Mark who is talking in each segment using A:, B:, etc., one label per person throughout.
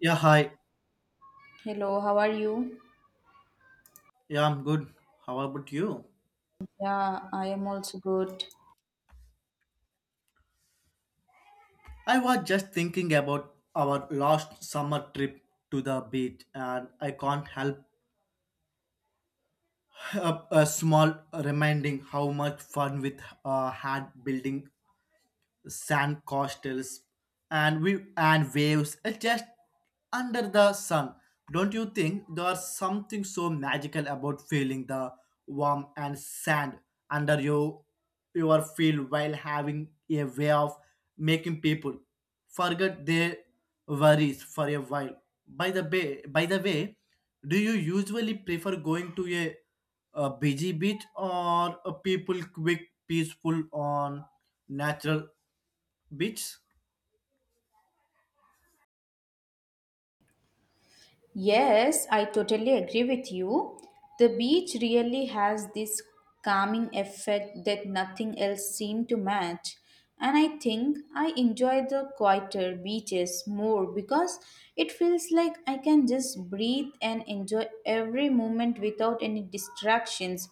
A: Yeah, hi.
B: Hello, how are you?
A: Yeah, I'm good. How about you?
B: Yeah, I am also good.
A: I was just thinking about our last summer trip to the beach, and I can't help a small reminding how much fun we had building sand castles and we and waves are just under the sun. Don't you think there's something so magical about feeling the warm and sand under your feet while having a way of making people forget their worries for a while? By the way, do you usually prefer going to a busy beach or a people quick peaceful on natural beach?
B: Yes, I totally agree with you. The beach really has this calming effect that nothing else seemed to match. And I think I enjoy the quieter beaches more because it feels like I can just breathe and enjoy every moment without any distractions.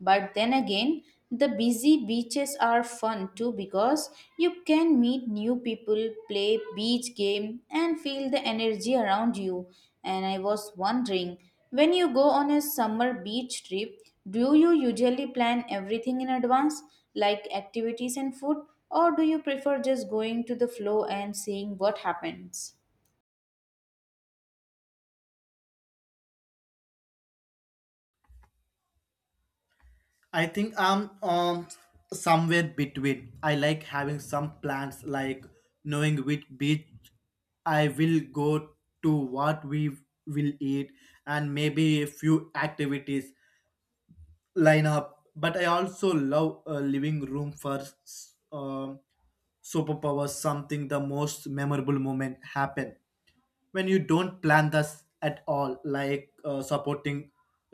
B: But then again, the busy beaches are fun too because you can meet new people, play beach game and feel the energy around you. And I was wondering, when you go on a summer beach trip, do you usually plan everything in advance like activities and food or do you prefer just going to the flow and seeing what happens?
A: I think I'm somewhere between. I like having some plans, like knowing which beach I will go to, what we will eat, and maybe a few activities line up. But I also love a living room for superpowers. Something the most memorable moment happen when you don't plan this at all, like supporting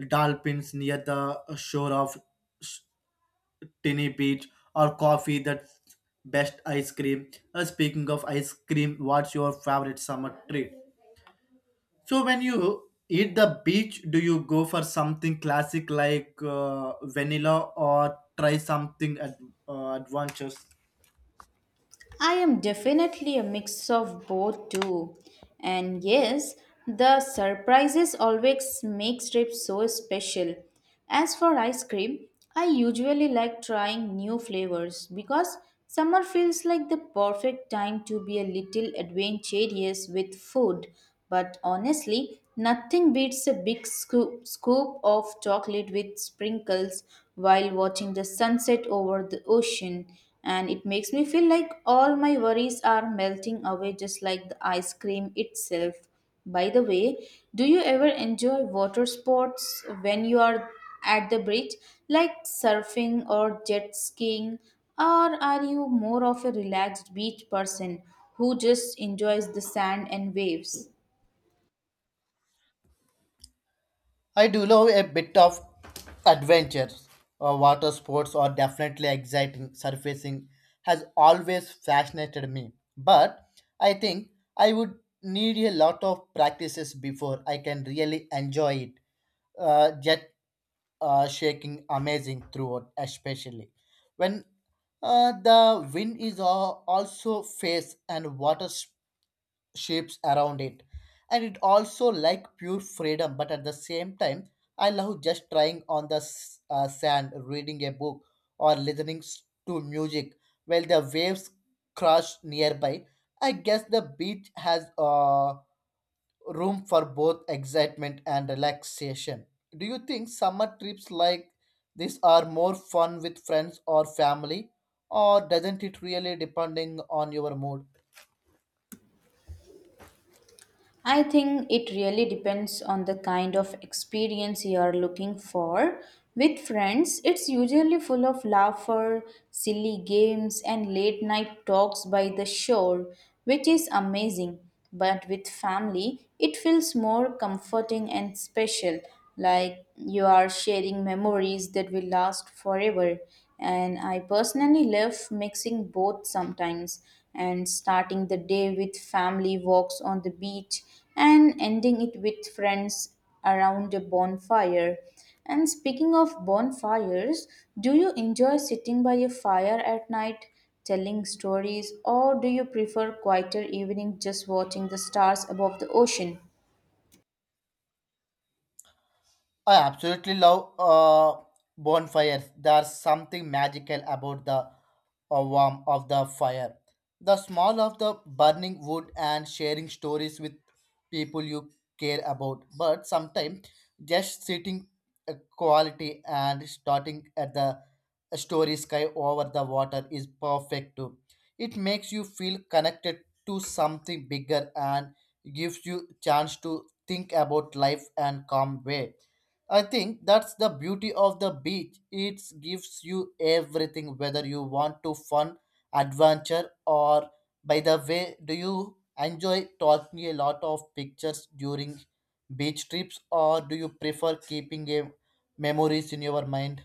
A: dolphins near the shore of tiny beach or coffee that's best ice cream. Speaking of ice cream, what's your favorite summer treat, so when you eat the beach do you go for something classic like vanilla or try something adventurous?
B: I am definitely a mix of both too. And yes, the surprises always make trips so special. As for ice cream, I usually like trying new flavors because summer feels like the perfect time to be a little adventurous with food. But honestly, nothing beats a big scoop of chocolate with sprinkles while watching the sunset over the ocean and it makes me feel like all my worries are melting away just like the ice cream itself. By the way, do you ever enjoy water sports when you are at the beach, like surfing or jet skiing? Or are you more of a relaxed beach person who just enjoys the sand and waves?
A: I do love a bit of adventure. Water sports are definitely exciting. Surfacing has always fascinated me, but I think I would need a lot of practices before I can really enjoy it. Jet shaking amazing throughout, especially when the wind is also face and water shapes around it, and it also like pure freedom but at the same time I love just trying on the sand reading a book or listening to music while the waves crash nearby. I guess the beach has room for both excitement and relaxation. Do you think summer trips like this are more fun with friends or family, or doesn't it really depending on your mood?
B: I think it really depends on the kind of experience you are looking for. With friends, it's usually full of laughter, silly games, and late night talks by the shore, which is amazing. But with family, it feels more comforting and special. Like you are sharing memories that will last forever. And I personally love mixing both sometimes and starting the day with family walks on the beach and ending it with friends around a bonfire. And speaking of bonfires, do you enjoy sitting by a fire at night telling stories or do you prefer quieter evening just watching the stars above the ocean?
A: I absolutely love bonfires. There's something magical about the warmth of the fire, the smell of the burning wood, and sharing stories with people you care about. But sometimes just sitting quality and starting at the story sky over the water is perfect too. It makes you feel connected to something bigger and gives you chance to think about life and calm way. I think that's the beauty of the beach. It gives you everything, whether you want to fun, adventure, or by the way, do you enjoy taking a lot of pictures during beach trips, or do you prefer keeping a memories in your mind?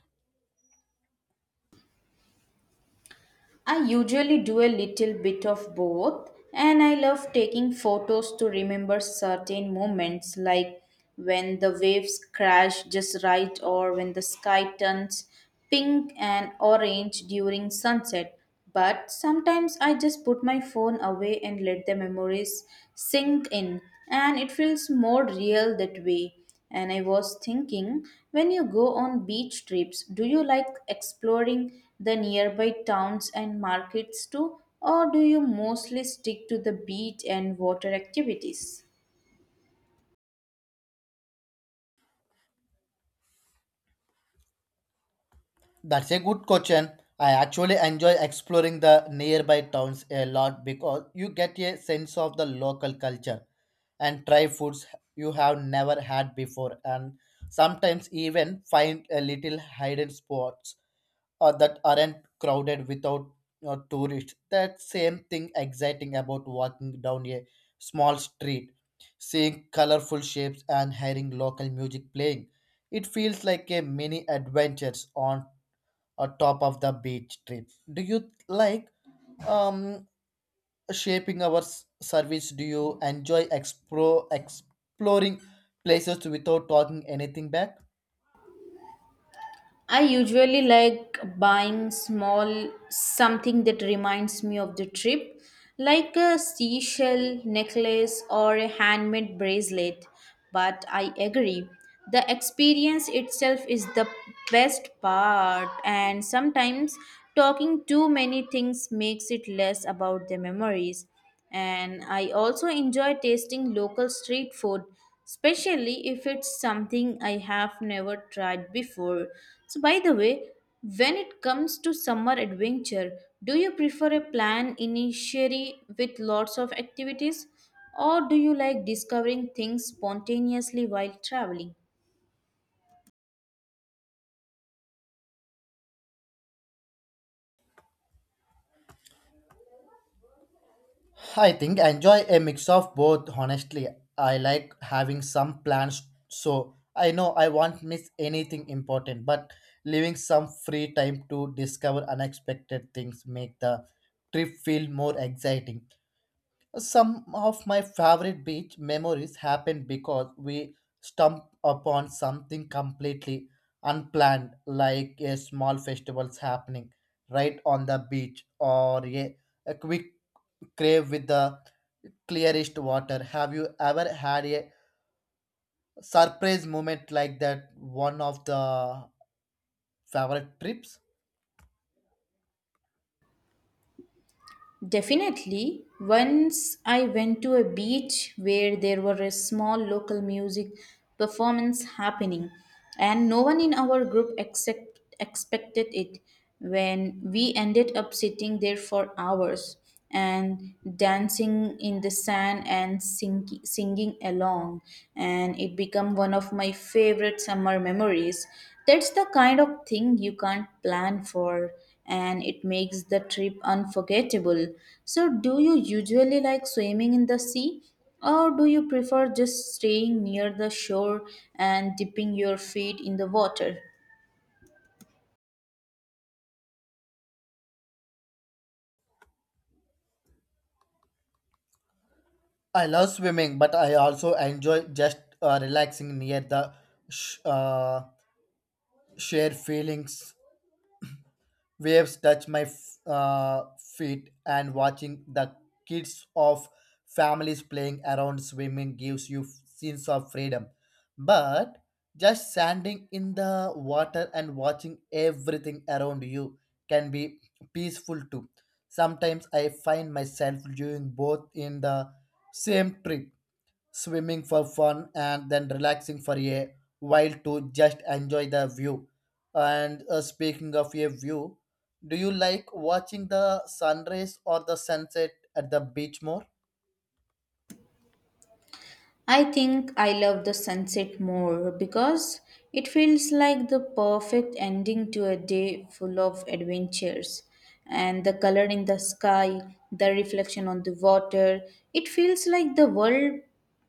B: I usually do a little bit of both, and I love taking photos to remember certain moments, like when the waves crash just right, or when the sky turns pink and orange during sunset. But sometimes I just put my phone away and let the memories sink in, and it feels more real that way. And I was thinking, when you go on beach trips, do you like exploring the nearby towns and markets too, or do you mostly stick to the beach and water activities?
A: That's a good question. I actually enjoy exploring the nearby towns a lot because you get a sense of the local culture and try foods you have never had before, and sometimes even find a little hidden spots or that aren't crowded without tourists. That same thing exciting about walking down a small street, seeing colorful shapes and hearing local music playing. It feels like a mini adventures on a top of the beach trip. Do you like um, shaping our service? Do you enjoy exploring places without talking anything back?
B: I usually like buying small something that reminds me of the trip, like a seashell necklace or a handmade bracelet. But I agree, the experience itself is the best part, and sometimes talking too many things makes it less about the memories. And I also enjoy tasting local street food, especially if it's something I have never tried before. So, by the way, when it comes to summer adventure, do you prefer a plan initially with lots of activities, or do you like discovering things spontaneously while traveling?
A: I think I enjoy a mix of both. Honestly, I like having some plans so I know I won't miss anything important, but leaving some free time to discover unexpected things make the trip feel more exciting. Some of my favorite beach memories happened because we stumbled upon something completely unplanned, like a small festivals happening right on the beach or a quick crave with the clearest water. Have you ever had a surprise moment like that? One of the favorite trips?
B: Definitely. Once I went to a beach where there were a small local music performance happening, and no one in our group except expected it. When we ended up sitting there for hours, and dancing in the sand and singing along and it became one of my favorite summer memories. That's the kind of thing you can't plan for and it makes the trip unforgettable. So do you usually like swimming in the sea or do you prefer just staying near the shore and dipping your feet in the water?
A: I love swimming, but I also enjoy just relaxing near the sh- uh, share feelings waves touch my feet and watching the kids of families playing around. Swimming gives you sense of freedom, but just standing in the water and watching everything around you can be peaceful too. Sometimes I find myself doing both in the same trip, swimming for fun and then relaxing for a while to just enjoy the view. And speaking of a view, do you like watching the sunrise or the sunset at the beach more?
B: I think I love the sunset more because it feels like the perfect ending to a day full of adventures. And the color in the sky, the reflection on the water, it feels like the world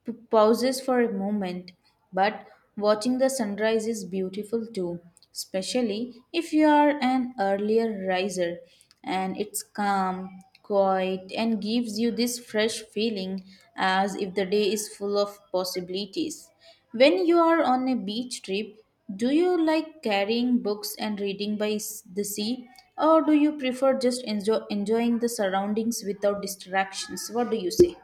B: pauses for a moment. But watching the sunrise is beautiful too, especially if you are an earlier riser and it's calm, quiet, and gives you this fresh feeling as if the day is full of possibilities. When you are on a beach trip, do you like carrying books and reading by the sea, or do you prefer just enjoying the surroundings without distractions? What do you say?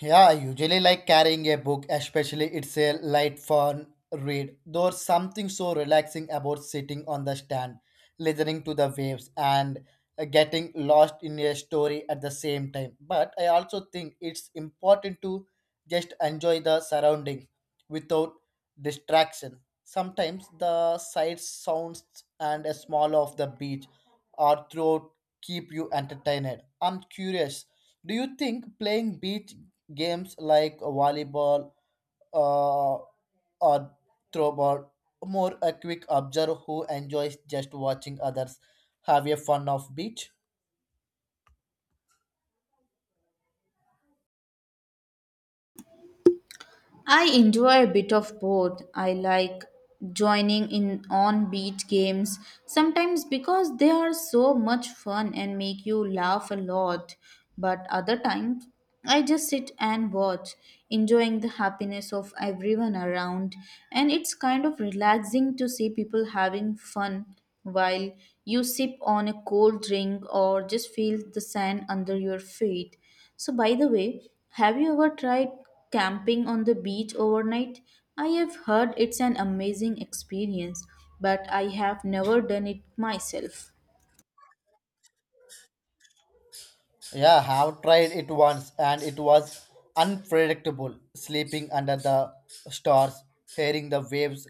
A: Yeah, I usually like carrying a book, especially it's a light fun read. There's something so relaxing about sitting on the stand, listening to the waves and getting lost in a story at the same time. But I also think it's important to just enjoy the surrounding without distraction. Sometimes the sights, sounds and a smell of the beach or throat keep you entertained. I'm curious. Do you think playing beach games like volleyball uh, or throwball more a quick observer who enjoys just watching others have a fun of beach.
B: I enjoy a bit of both. I like joining in on beat games sometimes because they are so much fun and make you laugh a lot, but other times I just sit and watch, enjoying the happiness of everyone around, and it's kind of relaxing to see people having fun while you sip on a cold drink or just feel the sand under your feet. So, by the way, have you ever tried camping on the beach overnight? I have heard it's an amazing experience, but I have never done it myself.
A: Yeah, I have tried it once and it was unpredictable. Sleeping under the stars, hearing the waves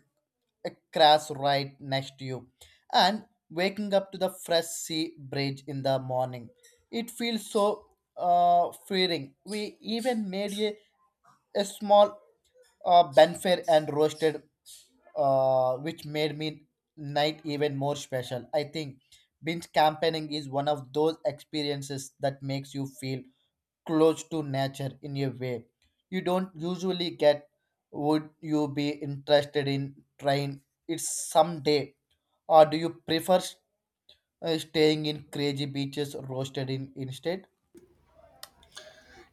A: crash right next to you, and waking up to the fresh sea breeze in the morning. It feels so freeing. We even made a small benfir and roasted, which made me night even more special. I think binge campaigning is one of those experiences that makes you feel close to nature in a way you don't usually get. Would you be interested in trying it someday, or do you prefer staying in crazy beaches roasted in instead?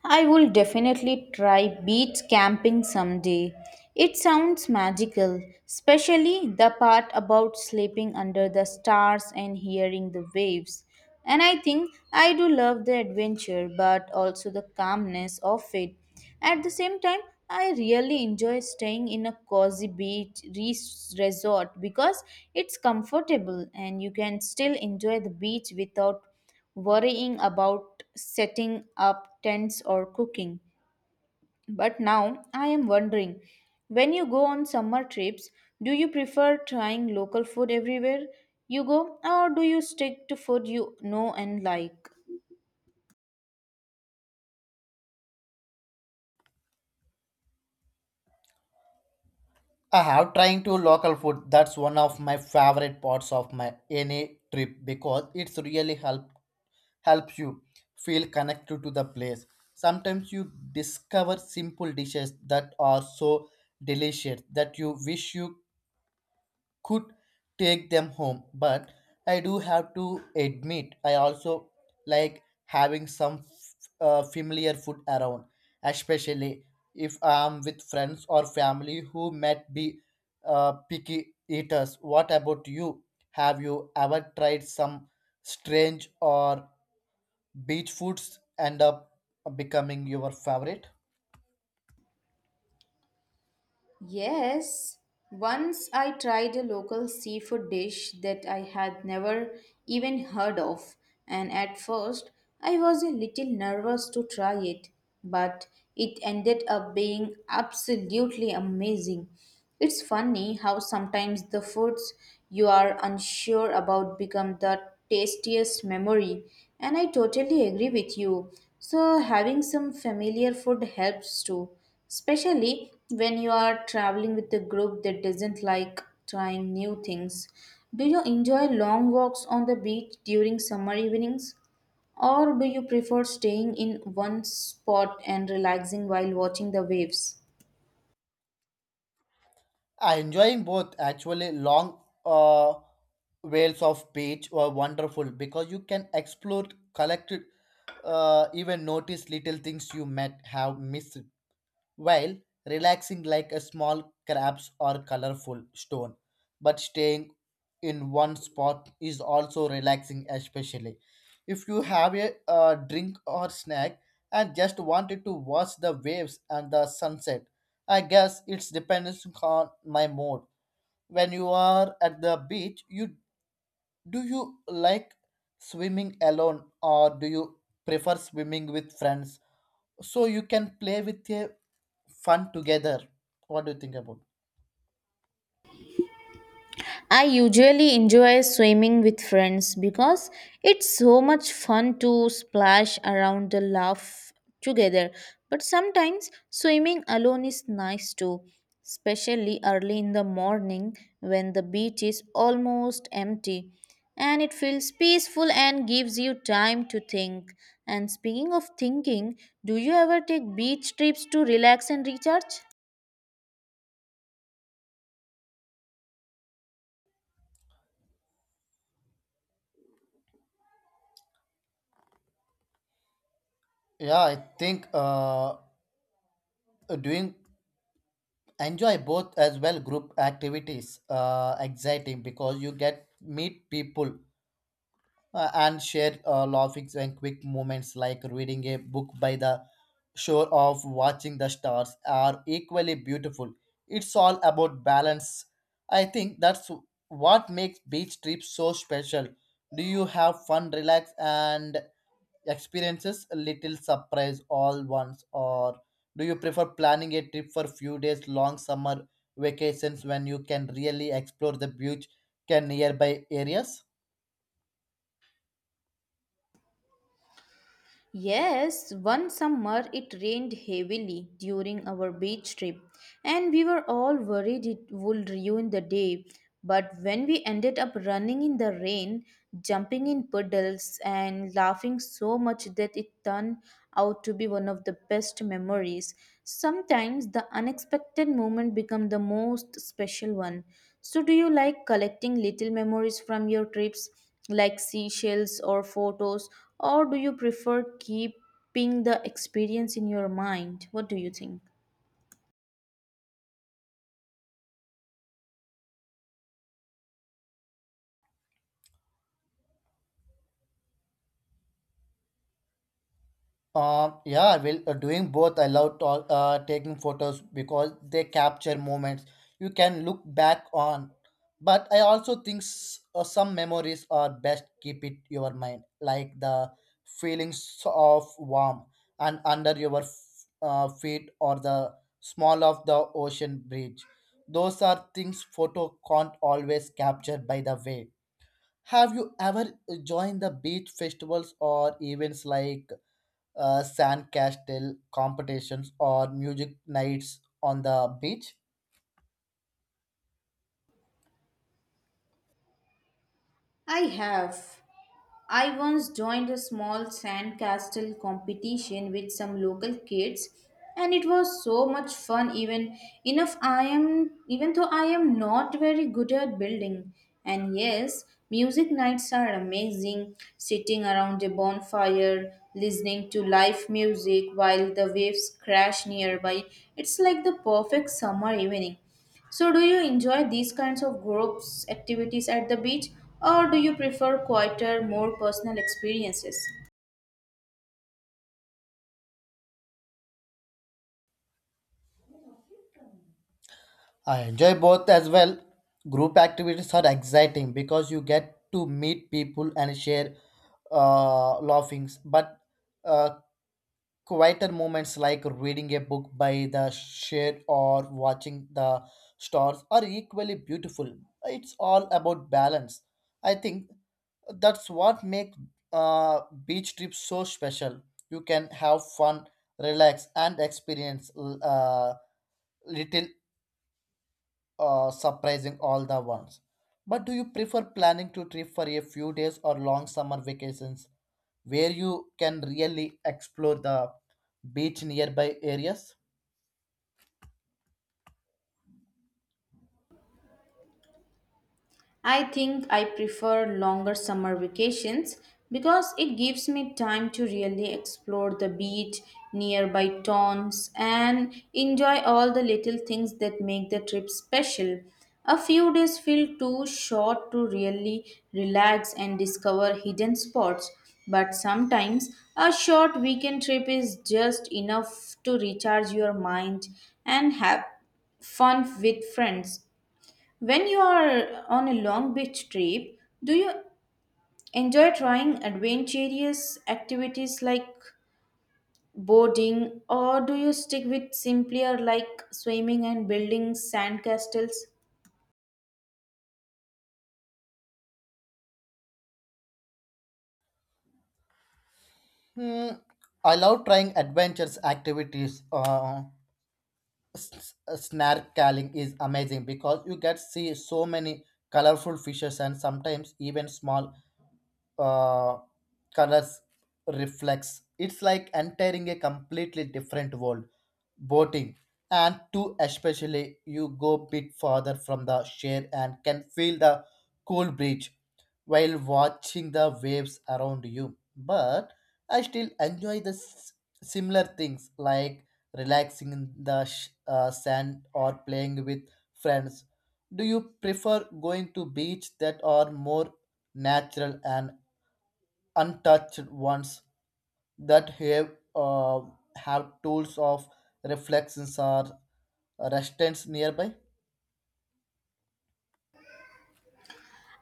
B: I will definitely try beach camping someday. It sounds magical, especially the part about sleeping under the stars and hearing the waves. And I think I do love the adventure, but also the calmness of it. At the same time, I really enjoy staying in a cozy beach resort because it's comfortable and you can still enjoy the beach without worrying about setting up tents or cooking. But now I am wondering, when you go on summer trips, do you prefer trying local food everywhere you go, or do you stick to food you know and like?
A: I have trying to local food. That's one of my favorite parts of my any trip because it's really helps you feel connected to the place. Sometimes you discover simple dishes that are so delicious that you wish you could take them home. But I do have to admit I also like having some familiar food around, especially if I'm with friends or family who might be picky eaters. What about you? Have you ever tried some strange or beach foods end up becoming your favorite?
B: Yes, once I tried a local seafood dish that I had never even heard of, and at first I was a little nervous to try it, but it ended up being absolutely amazing. It's funny how sometimes the foods you are unsure about become the tastiest memory, and I totally agree with you. So, having some familiar food helps too, especially when you are traveling with a group that doesn't like trying new things. Do you enjoy long walks on the beach during summer evenings, or do you prefer staying in one spot and relaxing while watching the waves?
A: I enjoying both actually. Long waves of beach were wonderful because you can explore, collect, even notice little things you might have missed while relaxing, like a small crabs or colorful stone. But staying in one spot is also relaxing, especially if you have a drink or snack and just wanted to watch the waves and the sunset. I guess it's depends on my mood. When you are at the beach, you do you like swimming alone or do you prefer swimming with friends so you can play with a fun together? What do you think about?
B: I usually enjoy swimming with friends because it's so much fun to splash around the laugh together. But sometimes swimming alone is nice too, especially early in the morning when the beach is almost empty. And it feels peaceful and gives you time to think. And speaking of thinking, do you ever take beach trips to relax and recharge?
A: Yeah, I think doing enjoy both as well. Group activities exciting because you get meet people and share laughings, and quick moments like reading a book by the shore of watching the stars are equally beautiful. It's all about balance. I think that's what makes beach trips so special. Do you have fun relax and experiences a little surprise all once, or do you prefer planning a trip for few days long summer vacations when you can really explore the beach can nearby areas?
B: Yes, one summer it rained heavily during our beach trip, and we were all worried it would ruin the day. But when we ended up running in the rain, jumping in puddles, and laughing so much that it turned out to be one of the best memories. Sometimes the unexpected moment becomes the most special one. So do you like collecting little memories from your trips? Like seashells or photos, or do you prefer keeping the experience in your mind? What do you think?
A: Yeah, well, doing both. I love to, taking photos because they capture moments you can look back on. But I also think some memories are best keep it your mind, like the feelings of warm and under your feet or the small of the ocean bridge. Those are things photo can't always capture, by the way. Have you ever joined the beach festivals or events like sand castle competitions or music nights on the beach?
B: I have. I once joined a small sandcastle competition with some local kids and it was so much fun, even though I am not very good at building. And yes, music nights are amazing, sitting around a bonfire listening to live music while the waves crash nearby. It's like the perfect summer evening. So, do you enjoy these kinds of groups activities at the beach, or do you prefer quieter, more personal experiences?
A: I enjoy both as well. Group activities are exciting because you get to meet people and share laughings. But uh, quieter moments like reading a book by the share or watching the stars are equally beautiful. It's all about balance. I think that's what makes beach trips so special. You can have fun, relax, and experience little surprising all the ones. But do you prefer planning to trip for a few days or long summer vacations where you can really explore the beach nearby areas?
B: I think I prefer longer summer vacations because it gives me time to really explore the beach, nearby towns, and enjoy all the little things that make the trip special. A few days feel too short to really relax and discover hidden spots, but sometimes a short weekend trip is just enough to recharge your mind and have fun with friends. When you are on a long beach trip, do you enjoy trying adventurous activities like boarding or do you stick with simpler like swimming and building sandcastles?
A: Hmm, I love trying adventures activities. Snorkeling is amazing because you get see so many colorful fishes and sometimes even small uh, colors reflects. It's like entering a completely different world. Boating and two, especially you go bit farther from the shore and can feel the cool breeze while watching the waves around you. But I still enjoy the similar things like relaxing in the sand or playing with friends. Do you prefer going to beach that are more natural and untouched ones that have tools of reflections or restaurants nearby?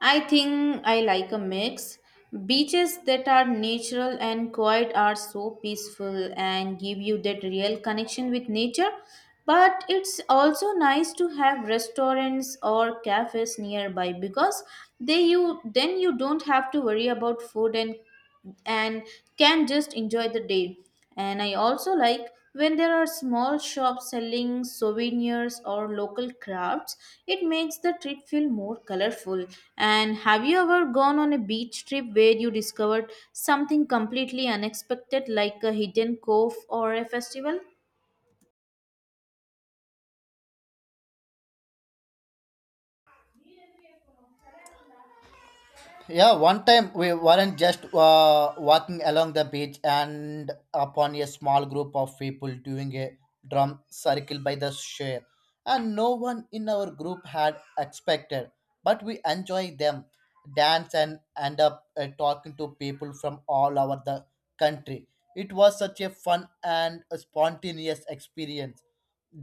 B: I think I like a mix. Beaches that are natural and quiet are so peaceful and give you that real connection with nature. But it's also nice to have restaurants or cafes nearby because they you then you don't have to worry about food, and can just enjoy the day. And I also like when there are small shops selling souvenirs or local crafts, it makes the trip feel more colorful. And have you ever gone on a beach trip where you discovered something completely unexpected, like a hidden cove or a festival?
A: Yeah, one time we weren't just walking along the beach and upon a small group of people doing a drum circle by the shore. And no one in our group had expected, but we enjoyed them, dance, and end up talking to people from all over the country. It was such a fun and a spontaneous experience.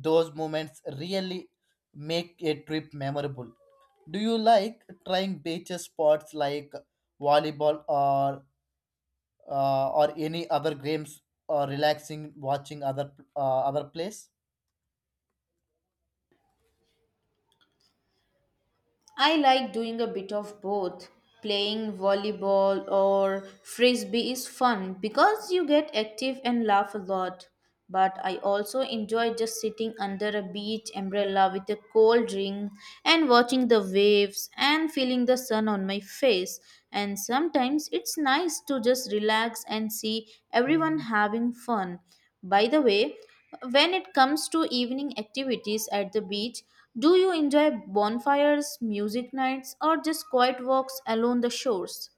A: Those moments really make a trip memorable. Do you like trying beach sports like volleyball or or any other games or relaxing watching other plays?
B: I like doing a bit of both. Playing volleyball or frisbee is fun because you get active and laugh a lot. But I also enjoy just sitting under a beach umbrella with a cold drink and watching the waves and feeling the sun on my face. And sometimes it's nice to just relax and see everyone having fun. By the way, when it comes to evening activities at the beach, do you enjoy bonfires, music nights, or just quiet walks along the shores?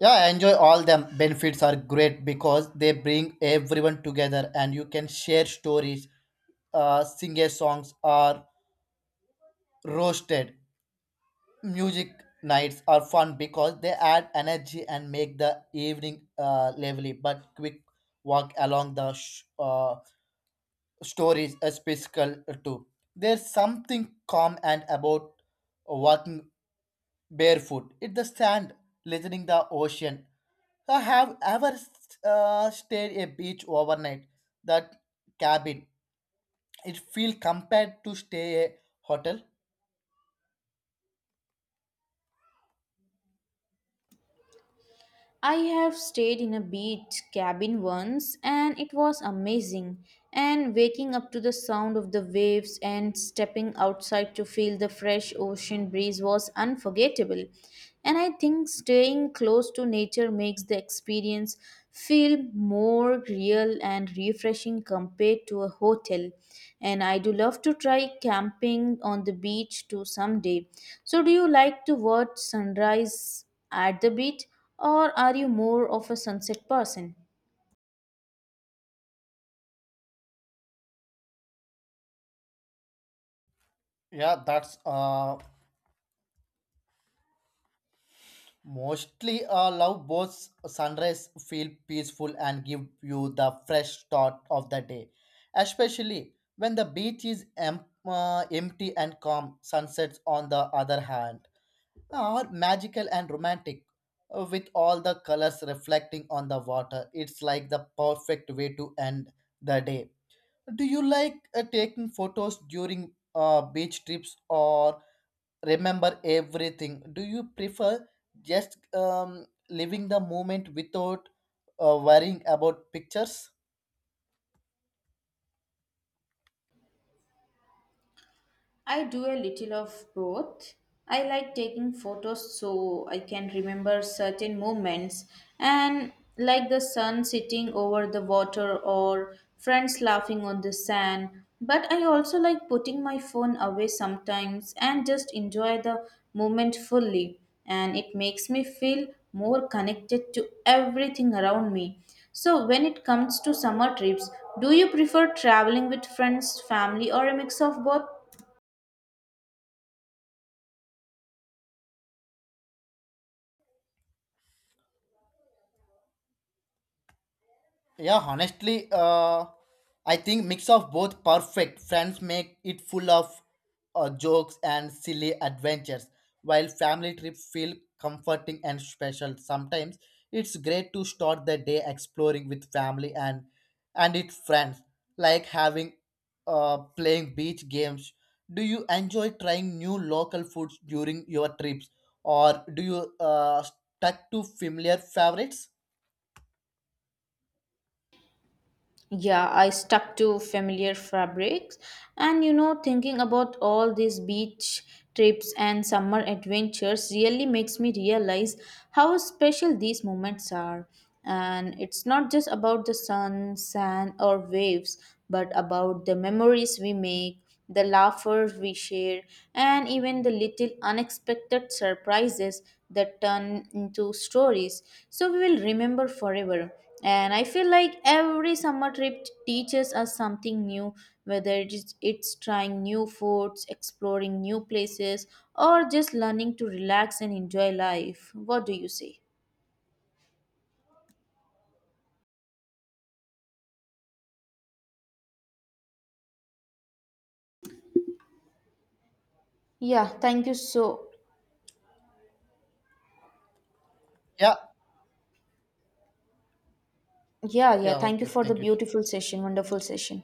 A: Yeah, I enjoy all them. Benefits are great because they bring everyone together and you can share stories, sing a songs or roasted. Music nights are fun because they add energy and make the evening lively. But quick walk along the stories a physical too. There's something calm and about walking barefoot in the sand, listening the ocean. I have ever stayed a beach overnight. That cabin, it feel compared to stay a hotel.
B: I have stayed in a beach cabin once and it was amazing. And waking up to the sound of the waves and stepping outside to feel the fresh ocean breeze was unforgettable. And I think staying close to nature makes the experience feel more real and refreshing compared to a hotel. And I do love to try camping on the beach too someday. So, do you like to watch sunrise at the beach? Or are you more of a sunset person?
A: Yeah, that's Mostly, love both. Sunrise feel peaceful and give you the fresh start of the day, especially when the beach is empty and calm. Sunsets, on the other hand, are magical and romantic, with all the colors reflecting on the water. It's like the perfect way to end the day. Do you like taking photos during beach trips, or remember everything, do you prefer just living the moment without worrying about pictures?
B: I do a little of both. I like taking photos so I can remember certain moments, and like the sun sitting over the water or friends laughing on the sand. But I also like putting my phone away sometimes and just enjoy the moment fully. And it makes me feel more connected to everything around me. So, when it comes to summer trips, do you prefer traveling with friends, family, or a mix of both?
A: Yeah, honestly, I think mix of both perfect. Friends make it full of jokes and silly adventures, while family trips feel comforting and special. Sometimes it's great to start the day exploring with family and its friends, like having playing beach games. Do you enjoy trying new local foods during your trips, or do you stuck to familiar favorites?
B: Yeah, I stuck to familiar fabrics. And you know, thinking about all these beach trips and summer adventures really makes me realize how special these moments are. And it's not just about the sun, sand, or waves, but about the memories we make, the laughers we share, and even the little unexpected surprises that turn into stories so we will remember forever. And I feel like every summer trip teaches us something new, whether it's trying new foods, exploring new places, or just learning to relax and enjoy life. What do you say? Yeah, thank you so.
A: Yeah,
B: Yeah, yeah,
A: yeah,
B: thank you
A: okay,
B: for the
A: thank you.
B: beautiful session, wonderful session.